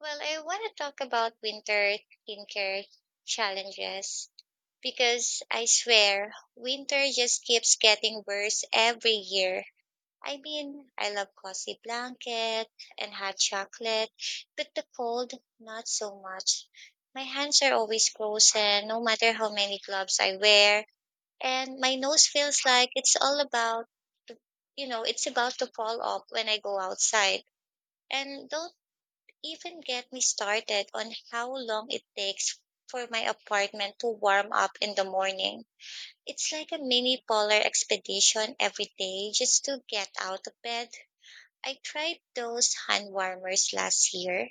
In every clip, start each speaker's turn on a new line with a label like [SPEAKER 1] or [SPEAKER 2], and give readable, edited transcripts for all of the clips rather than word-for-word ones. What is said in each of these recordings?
[SPEAKER 1] Well, I want to talk about winter skincare challenges because I swear winter just keeps getting worse every year. I mean, I love cozy blanket and hot chocolate, but the cold, not so much. My hands are always frozen no matter how many gloves I wear, and my nose feels like it's all about, to- it's about to fall off when I go outside. And don't even get me started on how long it takes for my apartment to warm up in the morning. It's like a mini polar expedition every day just to get out of bed. I tried those hand warmers last year,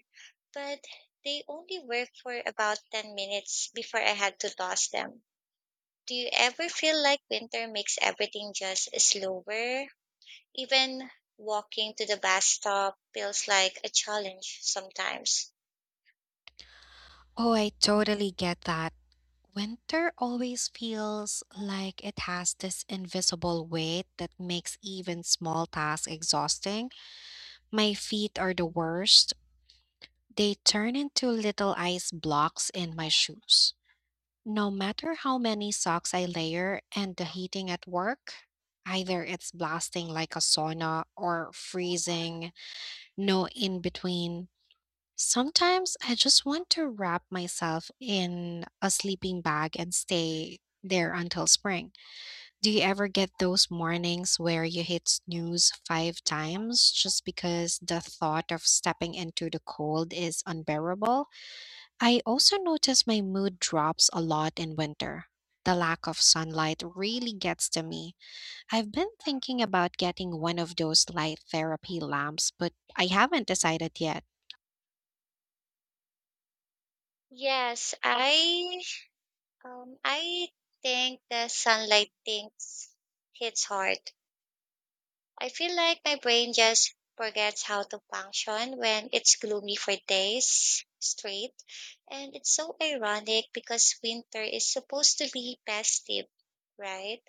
[SPEAKER 1] but they only work for about 10 minutes before I had to toss them. Do you ever feel like winter makes everything just slower? Even walking to the bus stop feels like a challenge sometimes.
[SPEAKER 2] Oh, I totally get that. Winter always feels like it has this invisible weight that makes even small tasks exhausting. My feet are the worst. They turn into little ice blocks in my shoes. No matter how many socks I layer and the heating at work, either it's blasting like a sauna or freezing, no in between. Sometimes I just want to wrap myself in a sleeping bag and stay there until spring. Do you ever get those mornings where you hit snooze five times just because the thought of stepping into the cold is unbearable? I also notice my mood drops a lot in winter. The lack of sunlight really gets to me. I've been thinking about getting one of those light therapy lamps, but I haven't decided yet.
[SPEAKER 1] Yes, I think the sunlight things hits hard. I feel like my brain just forgets how to function when it's gloomy for days straight. And it's so ironic because winter is supposed to be festive, right?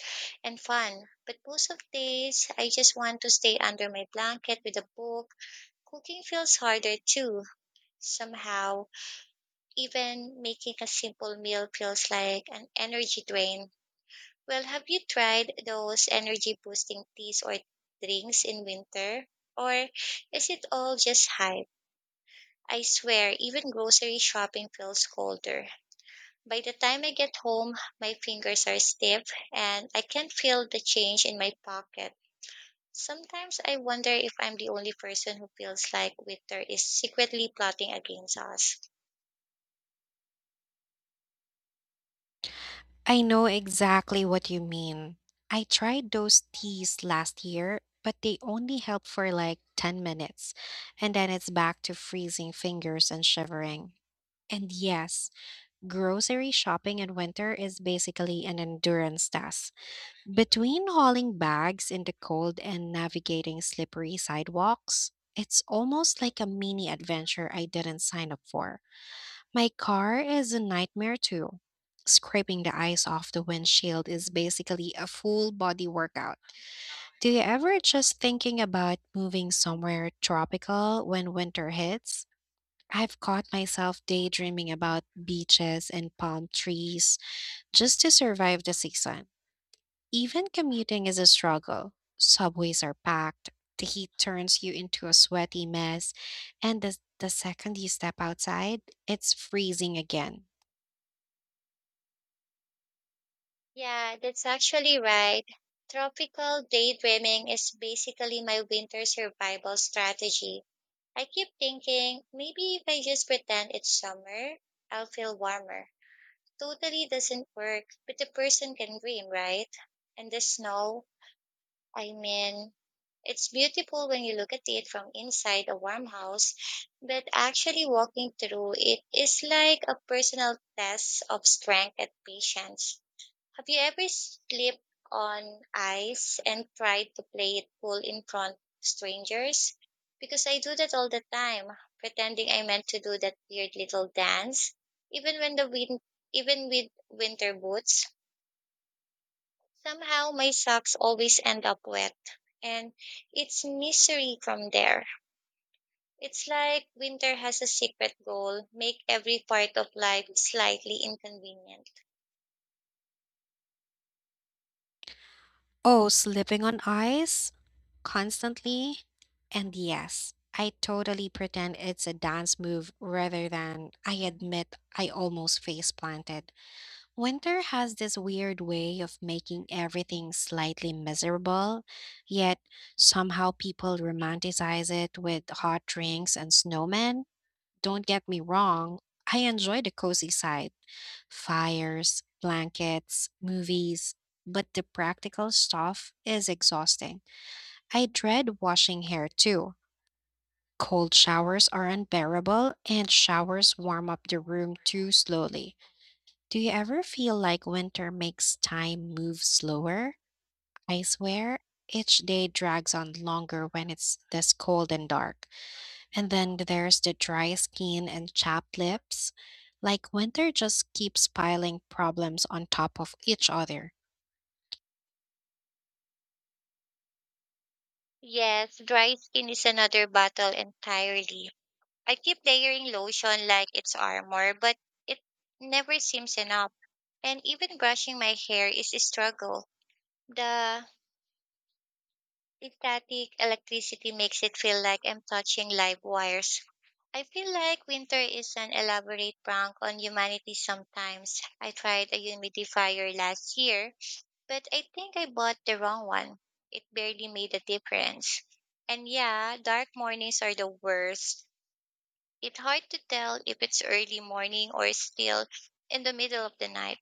[SPEAKER 1] And fun. But most of days I just want to stay under my blanket with a book. Cooking feels harder too, somehow even making a simple meal feels like an energy drain. Well, have you tried those energy boosting teas or drinks in winter? Or is it all just hype? I swear, even grocery shopping feels colder. By the time I get home, my fingers are stiff and I can't feel the change in my pocket. Sometimes I wonder if I'm the only person who feels like winter is secretly plotting against us.
[SPEAKER 2] I know exactly what you mean. I tried those teas last year, but they only help for like 10 minutes, and then it's back to freezing fingers and shivering. And yes, grocery shopping in winter is basically an endurance task. Between hauling bags in the cold and navigating slippery sidewalks, it's almost like a mini adventure I didn't sign up for. My car is a nightmare too. Scraping the ice off the windshield is basically a full body workout. Do you ever just thinking about moving somewhere tropical when winter hits? I've caught myself daydreaming about beaches and palm trees just to survive the season. Even commuting is a struggle. Subways are packed, the heat turns you into a sweaty mess, and the second you step outside, it's freezing again.
[SPEAKER 1] Yeah, that's actually right. Tropical daydreaming is basically my winter survival strategy. I keep thinking, maybe if I just pretend it's summer, I'll feel warmer. Totally doesn't work, but the person can dream, right? And the snow, I mean, it's beautiful when you look at it from inside a warm house, but actually walking through it is like a personal test of strength and patience. Have you ever slipped on ice and tried to play it cool in front of strangers? Because I do that all the time, pretending I meant to do that weird little dance, even when the wind, even with winter boots. Somehow my socks always end up wet, and it's misery from there. It's like winter has a secret goal, make every part of life slightly inconvenient.
[SPEAKER 2] Oh, slipping on ice constantly. And yes, I totally pretend it's a dance move rather than I admit I almost face planted. Winter has this weird way of making everything slightly miserable, yet somehow people romanticize it with hot drinks and snowmen. Don't get me wrong, I enjoy the cozy side. Fires, blankets, movies, but the practical stuff is exhausting. I dread washing hair too. Cold showers are unbearable, and showers warm up the room too slowly. Do you ever feel like winter makes time move slower? I swear, each day drags on longer when it's this cold and dark. And then there's the dry skin and chapped lips. Like winter just keeps piling problems on top of each other.
[SPEAKER 1] Yes, dry skin is another battle entirely. I keep layering lotion like it's armor, but it never seems enough. And even brushing my hair is a struggle. The static electricity makes it feel like I'm touching live wires. I feel like winter is an elaborate prank on humanity sometimes. I tried a humidifier last year, but I think I bought the wrong one. It barely made a difference. And yeah, dark mornings are the worst. It's hard to tell if it's early morning or still in the middle of the night.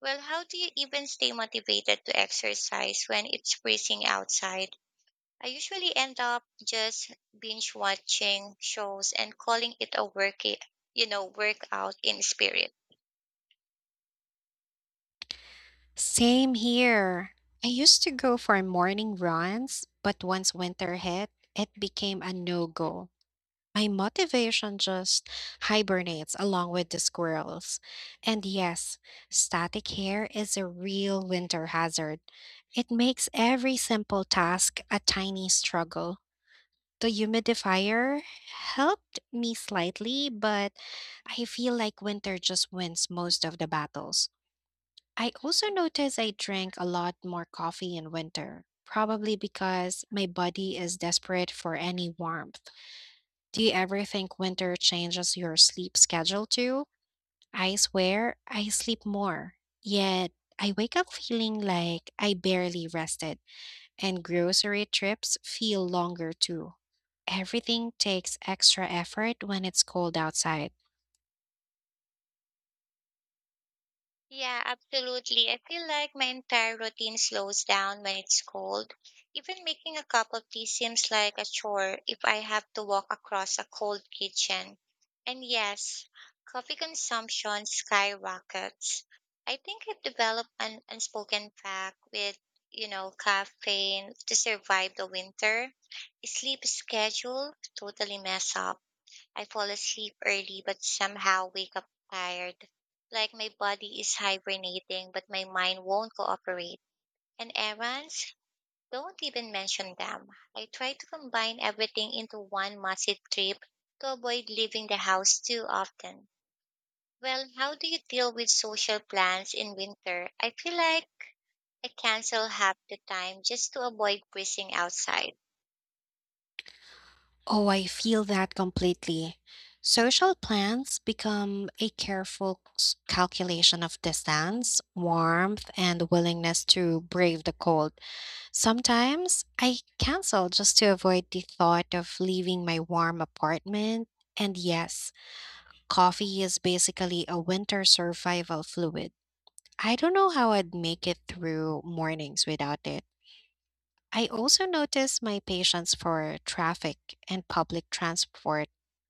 [SPEAKER 1] Well, how do you even stay motivated to exercise when it's freezing outside? I usually end up just binge watching shows and calling it a work, you know, workout in spirit.
[SPEAKER 2] Same here. I used to go for morning runs, but once winter hit, it became a no go. My motivation just hibernates along with the squirrels. And yes, static hair is a real winter hazard. It makes every simple task a tiny struggle. The humidifier helped me slightly, but I feel like winter just wins most of the battles. I also noticed I drank a lot more coffee in winter, probably because my body is desperate for any warmth. Do you ever think winter changes your sleep schedule too? I swear I sleep more, yet I wake up feeling like I barely rested, and grocery trips feel longer too. Everything takes extra effort when it's cold outside.
[SPEAKER 1] Yeah, absolutely. I feel like my entire routine slows down when it's cold. Even making a cup of tea seems like a chore if I have to walk across a cold kitchen. And yes, coffee consumption skyrockets. I think I've developed an unspoken pact with, you know, caffeine to survive the winter. Sleep schedule totally mess up. I fall asleep early but somehow wake up tired. Like my body is hibernating but my mind won't cooperate. And errands? Don't even mention them. I try to combine everything into one massive trip to avoid leaving the house too often. Well, how do you deal with social plans in winter? I feel like I cancel half the time just to avoid breezing outside.
[SPEAKER 2] Oh, I feel that completely. Social plans become a careful calculation of distance, warmth, and willingness to brave the cold. Sometimes I cancel just to avoid the thought of leaving my warm apartment. And yes, coffee is basically a winter survival fluid. I don't know how I'd make it through mornings without it. I also notice my patience for traffic and public transport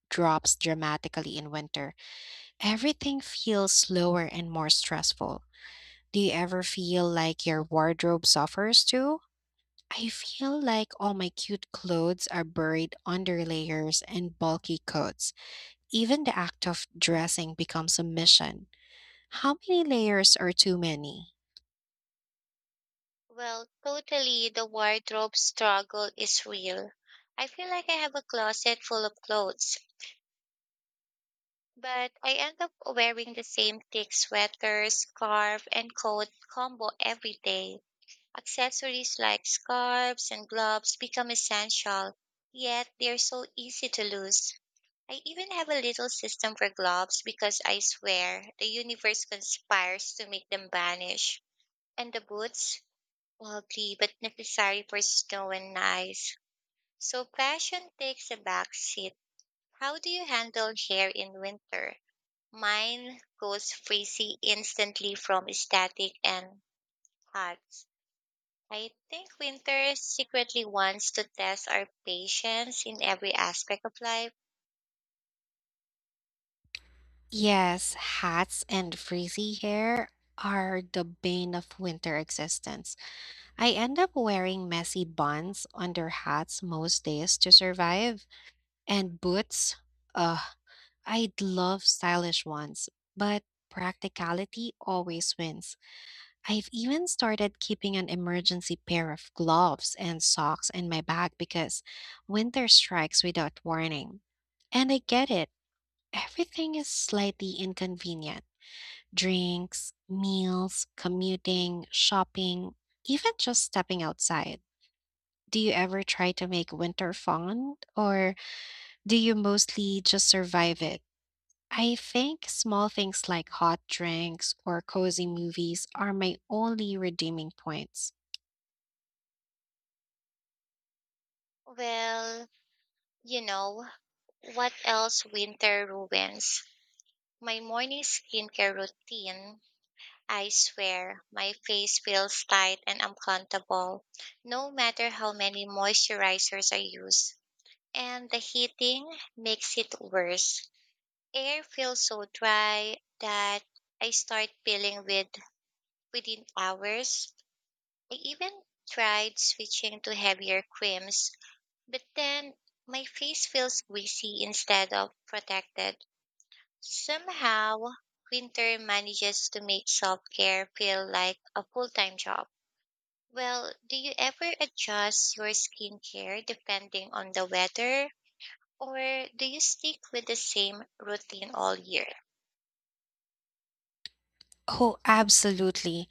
[SPEAKER 2] drops dramatically in winter. Everything feels slower and more stressful. Do you ever feel like your wardrobe suffers too? I feel like all my cute clothes are buried under layers and bulky coats. Even the act of dressing becomes a mission. How many layers are too many?
[SPEAKER 1] Well, totally, the wardrobe struggle is real. I feel like I have a closet full of clothes, but I end up wearing the same thick sweater, scarf, and coat combo every day. Accessories like scarves and gloves become essential, yet they're so easy to lose. I even have a little system for gloves because I swear the universe conspires to make them vanish. And the boots? Lovely, but necessary for snow and ice. So fashion takes a back seat. How do you handle hair in winter? Mine goes frizzy instantly from static and hot. I think winter secretly wants to test our patience in every aspect of life.
[SPEAKER 2] Yes, hats and frizzy hair are the bane of winter existence. I end up wearing messy buns under hats most days to survive. And boots, ugh, I'd love stylish ones, but practicality always wins. I've even started keeping an emergency pair of gloves and socks in my bag because winter strikes without warning. And I get it, everything is slightly inconvenient: drinks, meals, commuting, shopping, even just stepping outside. Do you ever try to make winter fun, or do you mostly just survive it? I think small things like hot drinks or cozy movies are my only redeeming points.
[SPEAKER 1] Well, you know, what else winter ruins? My morning skincare routine. I swear my face feels tight and uncomfortable, no matter how many moisturizers I use. And the heating makes it worse. Air feels so dry that I start peeling within hours. I even tried switching to heavier creams, but then my face feels greasy instead of protected. Somehow, winter manages to make self care feel like a full time job. Well, do you ever adjust your skincare depending on the weather, or do you stick with the same routine all year?
[SPEAKER 2] Oh, absolutely.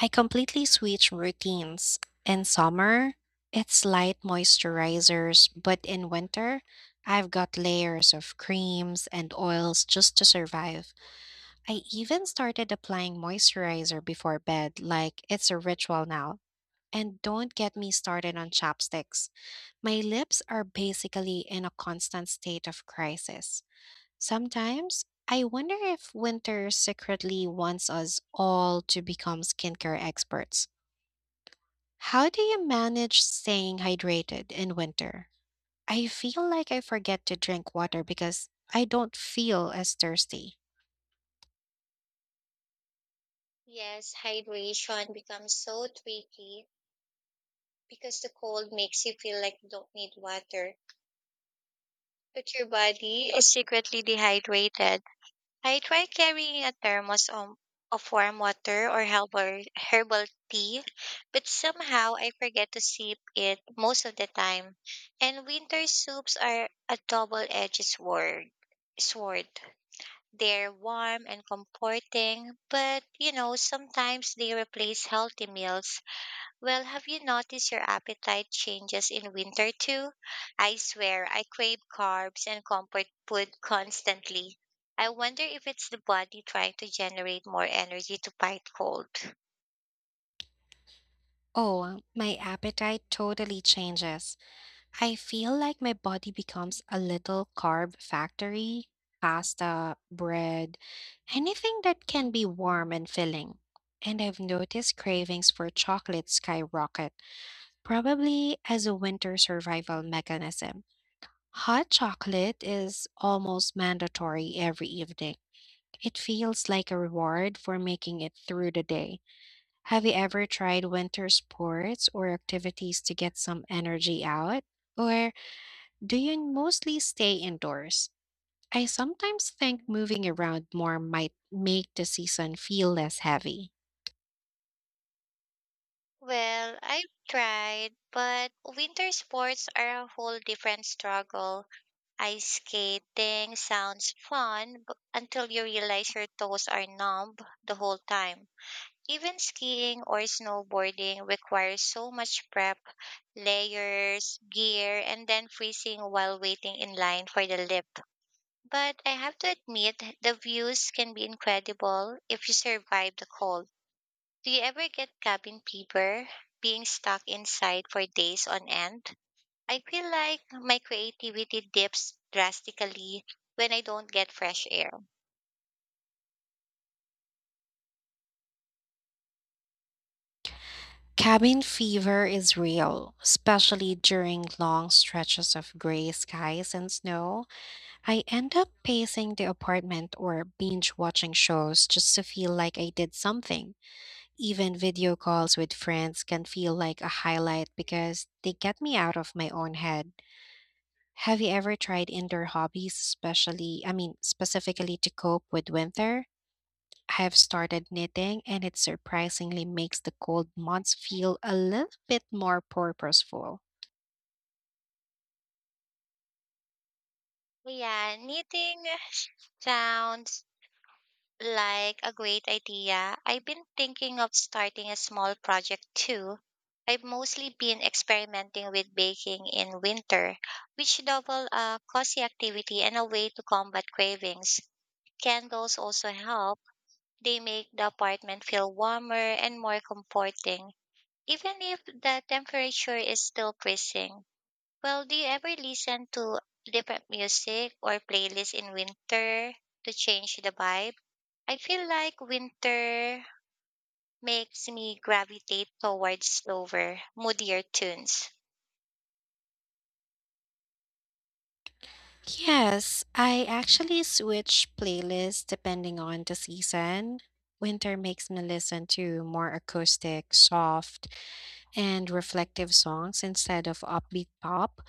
[SPEAKER 2] I completely switch routines. In summer, it's light moisturizers, but in winter, I've got layers of creams and oils just to survive. I even started applying moisturizer before bed, like it's a ritual now. And don't get me started on chapsticks. My lips are basically in a constant state of crisis. Sometimes I wonder if winter secretly wants us all to become skincare experts. How do you manage staying hydrated in winter? I feel like I forget to drink water because I don't feel as thirsty.
[SPEAKER 1] Yes, hydration becomes so tricky because the cold makes you feel like you don't need water, but your body is secretly dehydrated. I tried carrying a thermos of warm water or herbal tea, but somehow I forget to sip it most of the time. And winter soups are a double edged sword. Sword. They're warm and comforting, but you know, sometimes they replace healthy meals. Well, have you noticed your appetite changes in winter too? I swear I crave carbs and comfort food constantly. I wonder if it's the body trying to generate more energy to fight cold.
[SPEAKER 2] Oh, my appetite totally changes. I feel like my body becomes a little carb factory. Pasta, bread, anything that can be warm and filling. And I've noticed cravings for chocolate skyrocket, probably as a winter survival mechanism. Hot chocolate is almost mandatory every evening. It feels like a reward for making it through the day. Have you ever tried winter sports or activities to get some energy out? Or do you mostly stay indoors? I sometimes think moving around more might make the season feel less heavy.
[SPEAKER 1] Well, I've tried, but winter sports are a whole different struggle. Ice skating sounds until you realize your toes are numb the whole time. Even skiing or snowboarding requires so much prep layers, gear, and then freezing while waiting in line for the lift. But I have to admit, the views can be incredible if you survive the cold. Do you ever get cabin fever, being stuck inside for days on end? I feel like my creativity dips drastically when I don't get fresh air.
[SPEAKER 2] Cabin fever is real, especially during long stretches of gray skies and snow. I end up pacing the apartment or binge watching shows just to feel like I did something. Even video calls with friends can feel like a highlight because they get me out of my own head. Have you ever tried indoor hobbies, I mean, specifically to cope with winter? I have started knitting, and it surprisingly makes the cold months feel a little bit more purposeful.
[SPEAKER 1] Yeah, knitting, sounds like a great idea. I've been thinking of starting a small project too. I've mostly been experimenting with baking in winter, which double a cozy activity and a way to combat cravings. Candles also help. They make the apartment feel warmer and more comforting, even if the temperature is still freezing. Well, do you ever listen to different music or playlists in winter to change the vibe? I feel like winter makes me gravitate towards slower, moodier tunes.
[SPEAKER 2] Yes, I actually switch playlists depending on the season. Winter makes me listen to more acoustic, soft, and reflective songs instead of upbeat pop.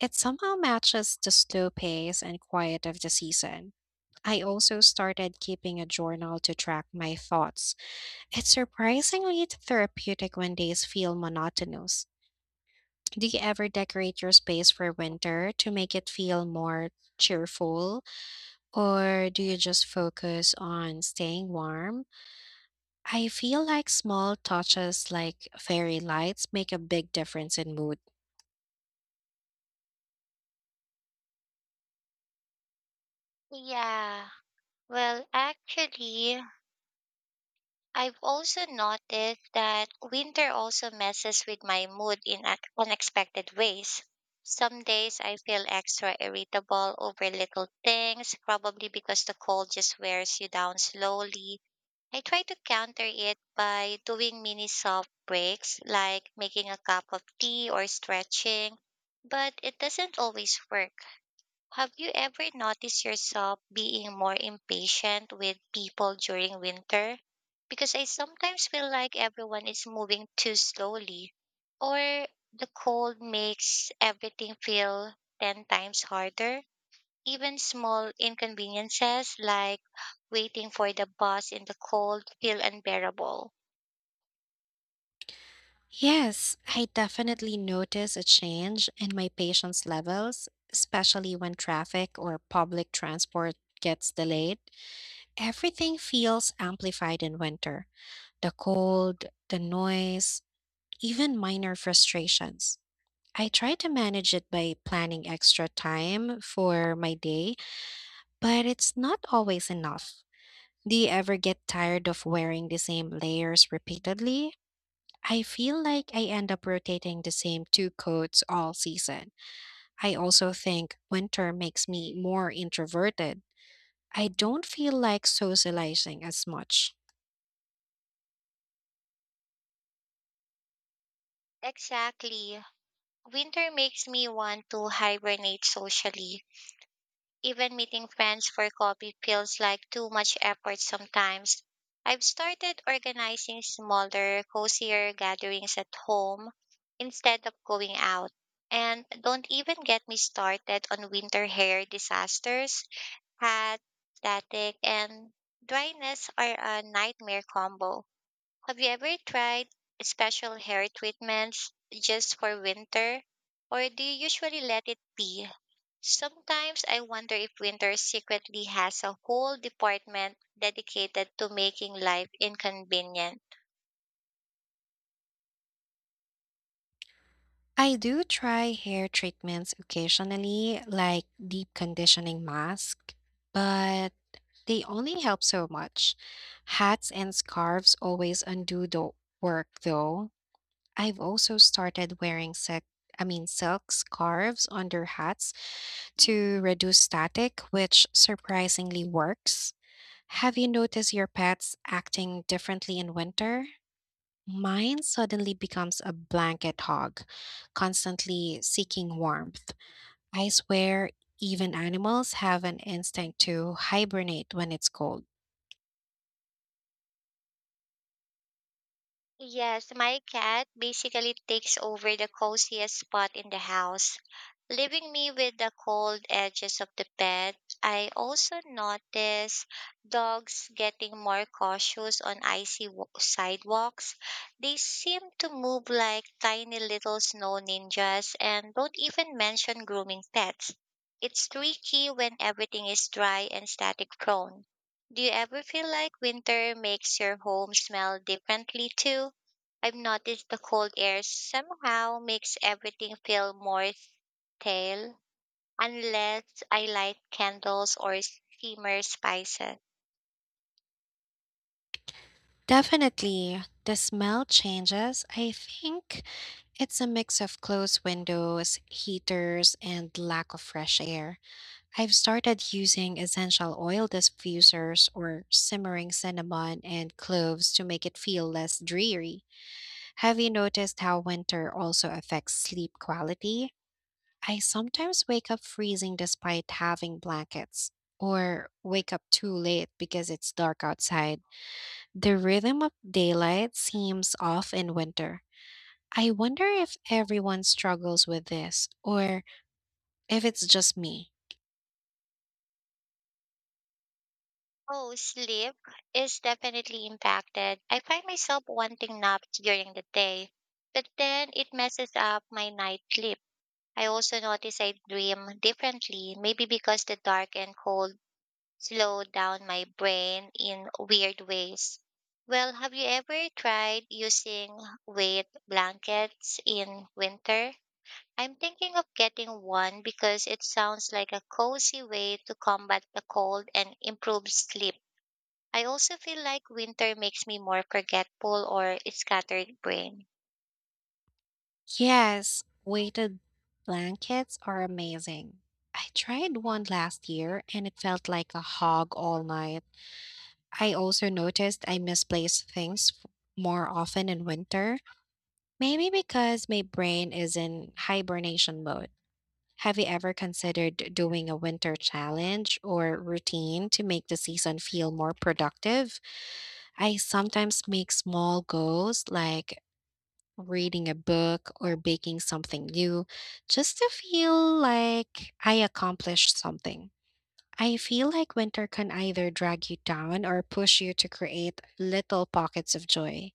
[SPEAKER 2] It somehow matches the slow pace and quiet of the season. I also started keeping a journal to track my thoughts. It's surprisingly therapeutic when days feel monotonous. Do you ever decorate your space for winter to make it feel more cheerful, or do you just focus on staying warm? I feel like small touches like fairy lights make a big difference in mood.
[SPEAKER 1] Yeah. Well, actually, I've also noticed that winter also messes with my mood in unexpected ways. Some days I feel extra irritable over little things, probably because the cold just wears you down slowly. I try to counter it by doing mini soft breaks like making a cup of tea or stretching, but it doesn't always work. Have you ever noticed yourself being more impatient with people during winter? Because I sometimes feel like everyone is moving too slowly, or the cold makes everything feel 10 times harder. Even small inconveniences like waiting for the bus in the cold feel unbearable.
[SPEAKER 2] Yes, I definitely notice a change in my patience levels, especially when traffic or public transport gets delayed. Everything feels amplified in winter: the cold, the noise, even minor frustrations. I try to manage it by planning extra time for my day, but it's not always enough. Do you ever get tired of wearing the same layers repeatedly? I feel like I end up rotating the same two coats all season. I also think winter makes me more introverted. I don't feel like socializing as much.
[SPEAKER 1] Exactly. Winter makes me want to hibernate socially. Even meeting friends for coffee feels like too much effort sometimes. I've started organizing smaller, cozier gatherings at home instead of going out. And don't even get me started on winter hair disasters. Hot, static, and dryness are a nightmare combo. Have you ever tried special hair treatments just for winter? Or do you usually let it be? Sometimes I wonder if winter secretly has a whole department dedicated to making life inconvenient.
[SPEAKER 2] I do try hair treatments occasionally, like deep conditioning mask, but they only help so much. Hats and scarves always undo the work though. I've also started wearing silk scarves under hats to reduce static, which surprisingly works. Have you noticed your pets acting differently in winter? Mine suddenly becomes a blanket hog, constantly seeking warmth. I swear, even animals have an instinct to hibernate when it's cold.
[SPEAKER 1] Yes, my cat basically takes over the coziest spot in the house, leaving me with the cold edges of the bed. I also notice dogs getting more cautious on sidewalks. They seem to move like tiny little snow ninjas and don't even mention grooming pets. It's tricky when everything is dry and static prone. Do you ever feel like winter makes your home smell differently too? I've noticed the cold air somehow makes everything feel more stale unless I light candles or simmer spices.
[SPEAKER 2] Definitely, the smell changes. I think it's a mix of closed windows, heaters, and lack of fresh air. I've started using essential oil diffusers or simmering cinnamon and cloves to make it feel less dreary. Have you noticed how winter also affects sleep quality? I sometimes wake up freezing despite having blankets, or wake up too late because it's dark outside. The rhythm of daylight seems off in winter. I wonder if everyone struggles with this, or if it's just me.
[SPEAKER 1] Oh, sleep is definitely impacted. I find myself wanting naps during the day, but then it messes up my night sleep. I also notice I dream differently, maybe because the dark and cold slow down my brain in weird ways. Well, have you ever tried using weight blankets in winter? I'm thinking of getting one because it sounds like a cozy way to combat the cold and improve sleep. I also feel like winter makes me more forgetful or scattered brain.
[SPEAKER 2] Yes, weighted blankets are amazing. I tried one last year and it felt like a hog all night. I also noticed I misplace things more often in winter, maybe because my brain is in hibernation mode. Have you ever considered doing a winter challenge or routine to make the season feel more productive? I sometimes make small goals like reading a book or baking something new just to feel like I accomplished something. I feel like winter can either drag you down or push you to create little pockets of joy.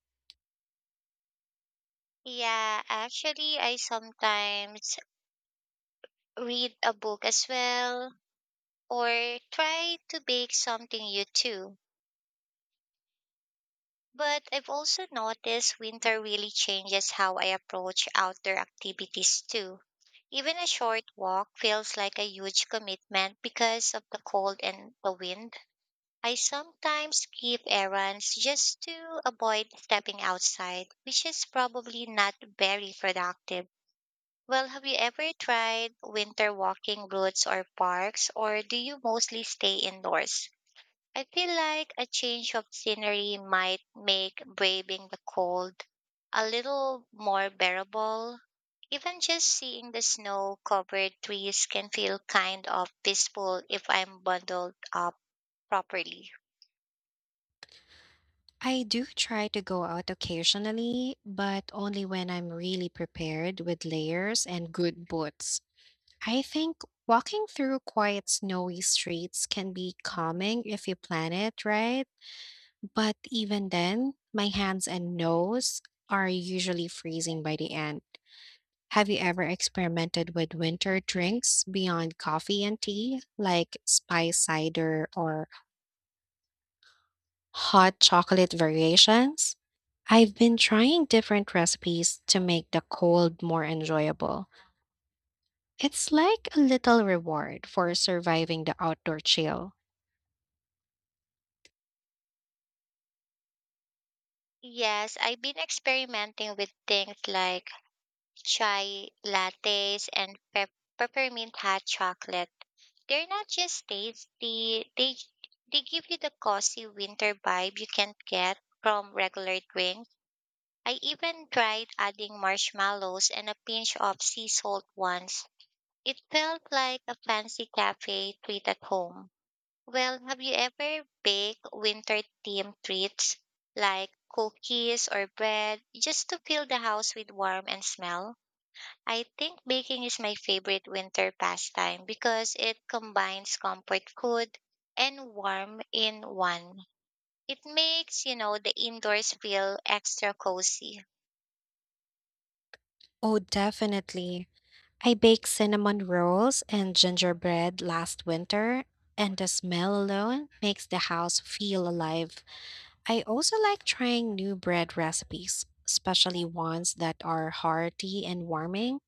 [SPEAKER 1] Yeah, actually, I sometimes read a book as well or try to bake something new too. But I've also noticed winter really changes how I approach outdoor activities too. Even a short walk feels like a huge commitment because of the cold and the wind. I sometimes skip errands just to avoid stepping outside, which is probably not very productive. Well, have you ever tried winter walking routes or parks, or do you mostly stay indoors? I feel like a change of scenery might make braving the cold a little more bearable. Even just seeing the snow covered trees can feel kind of peaceful if I'm bundled up properly.
[SPEAKER 2] I do try to go out occasionally, but only when I'm really prepared with layers and good boots. I think walking through quiet, snowy streets can be calming if you plan it right, but even then, my hands and nose are usually freezing by the end. Have you ever experimented with winter drinks beyond coffee and tea, like spice cider or hot chocolate variations? I've been trying different recipes to make the cold more enjoyable. It's like a little reward for surviving the outdoor chill.
[SPEAKER 1] Yes, I've been experimenting with things like chai lattes and peppermint hot chocolate. They're not just tasty, they give you the cozy winter vibe you can't get from regular drinks. I even tried adding marshmallows and a pinch of sea salt once. It felt like a fancy cafe treat at home. Well, have you ever baked winter themed treats like cookies or bread just to fill the house with warmth and smell? I think baking is my favorite winter pastime because it combines comfort food and warmth in one. It makes, you know, the indoors feel extra cozy.
[SPEAKER 2] Oh, definitely. I baked cinnamon rolls and gingerbread last winter, and the smell alone makes the house feel alive. I also like trying new bread recipes, especially ones that are hearty and warming.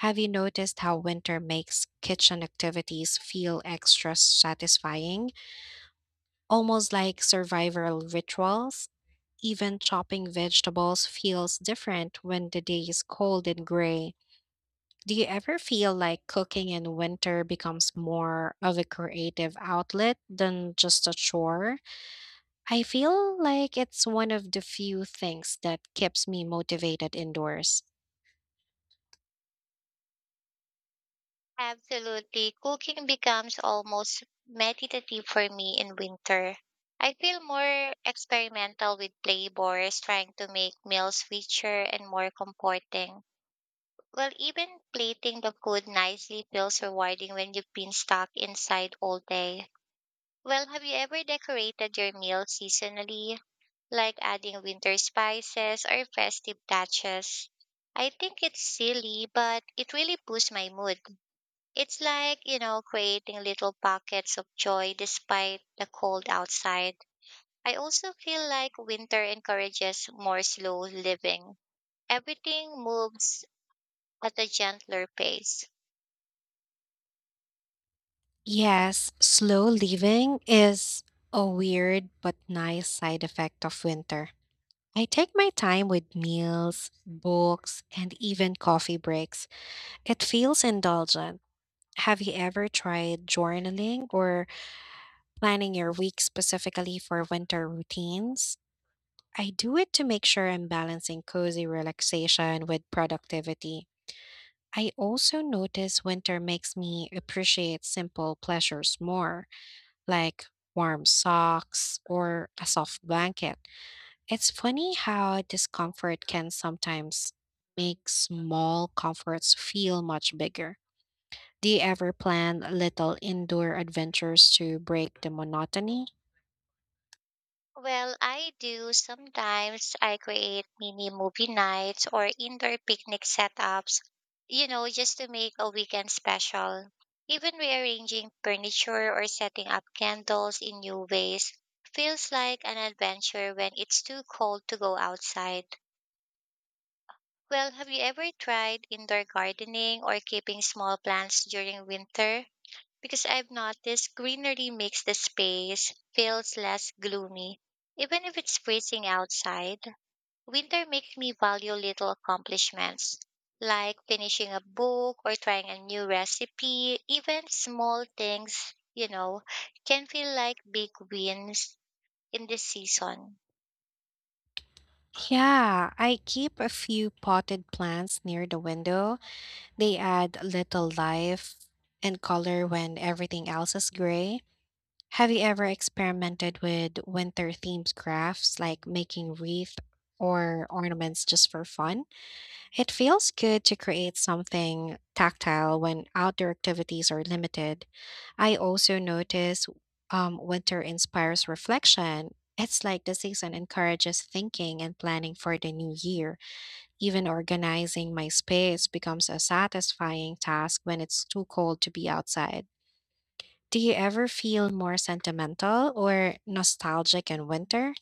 [SPEAKER 2] Have you noticed how winter makes kitchen activities feel extra satisfying, almost like survival rituals? Even chopping vegetables feels different when the day is cold and gray. Do you ever feel like cooking in winter becomes more of a creative outlet than just a chore? I feel like it's one of the few things that keeps me motivated indoors.
[SPEAKER 1] Absolutely. Cooking becomes almost meditative for me in winter. I feel more experimental with flavors, trying to make meals richer and more comforting. Well, even plating the food nicely feels rewarding when you've been stuck inside all day. Well, have you ever decorated your meal seasonally, like adding winter spices or festive touches? I think it's silly, but it really boosts my mood. It's like, you know, creating little pockets of joy despite the cold outside. I also feel like winter encourages more slow living. Everything moves at a gentler pace.
[SPEAKER 2] Yes, slow living is a weird but nice side effect of winter. I take my time with meals, books, and even coffee breaks. It feels indulgent. Have you ever tried journaling or planning your week specifically for winter routines? I do it to make sure I'm balancing cozy relaxation with productivity. I also notice winter makes me appreciate simple pleasures more, like warm socks or a soft blanket. It's funny how discomfort can sometimes make small comforts feel much bigger. Do you ever plan little indoor adventures to break the monotony?
[SPEAKER 1] Well, I do. Sometimes I create mini movie nights or indoor picnic setups, you know, just to make a weekend special. Even rearranging furniture or setting up candles in new ways feels like an adventure when it's too cold to go outside. Well, have you ever tried indoor gardening or keeping small plants during winter? Because I've noticed greenery makes the space feels less gloomy. Even if it's freezing outside, winter makes me value little accomplishments like finishing a book or trying a new recipe. Even small things, you know, can feel like big wins in this season.
[SPEAKER 2] Yeah, I keep a few potted plants near the window. They add little life and color when everything else is gray. Have you ever experimented with winter themed crafts like making wreath or ornaments just for fun? It feels good to create something tactile when outdoor activities are limited. I also notice winter inspires reflection. It's like the season encourages thinking and planning for the new year. Even organizing my space becomes a satisfying task when it's too cold to be outside. Do you ever feel more sentimental or nostalgic in winter?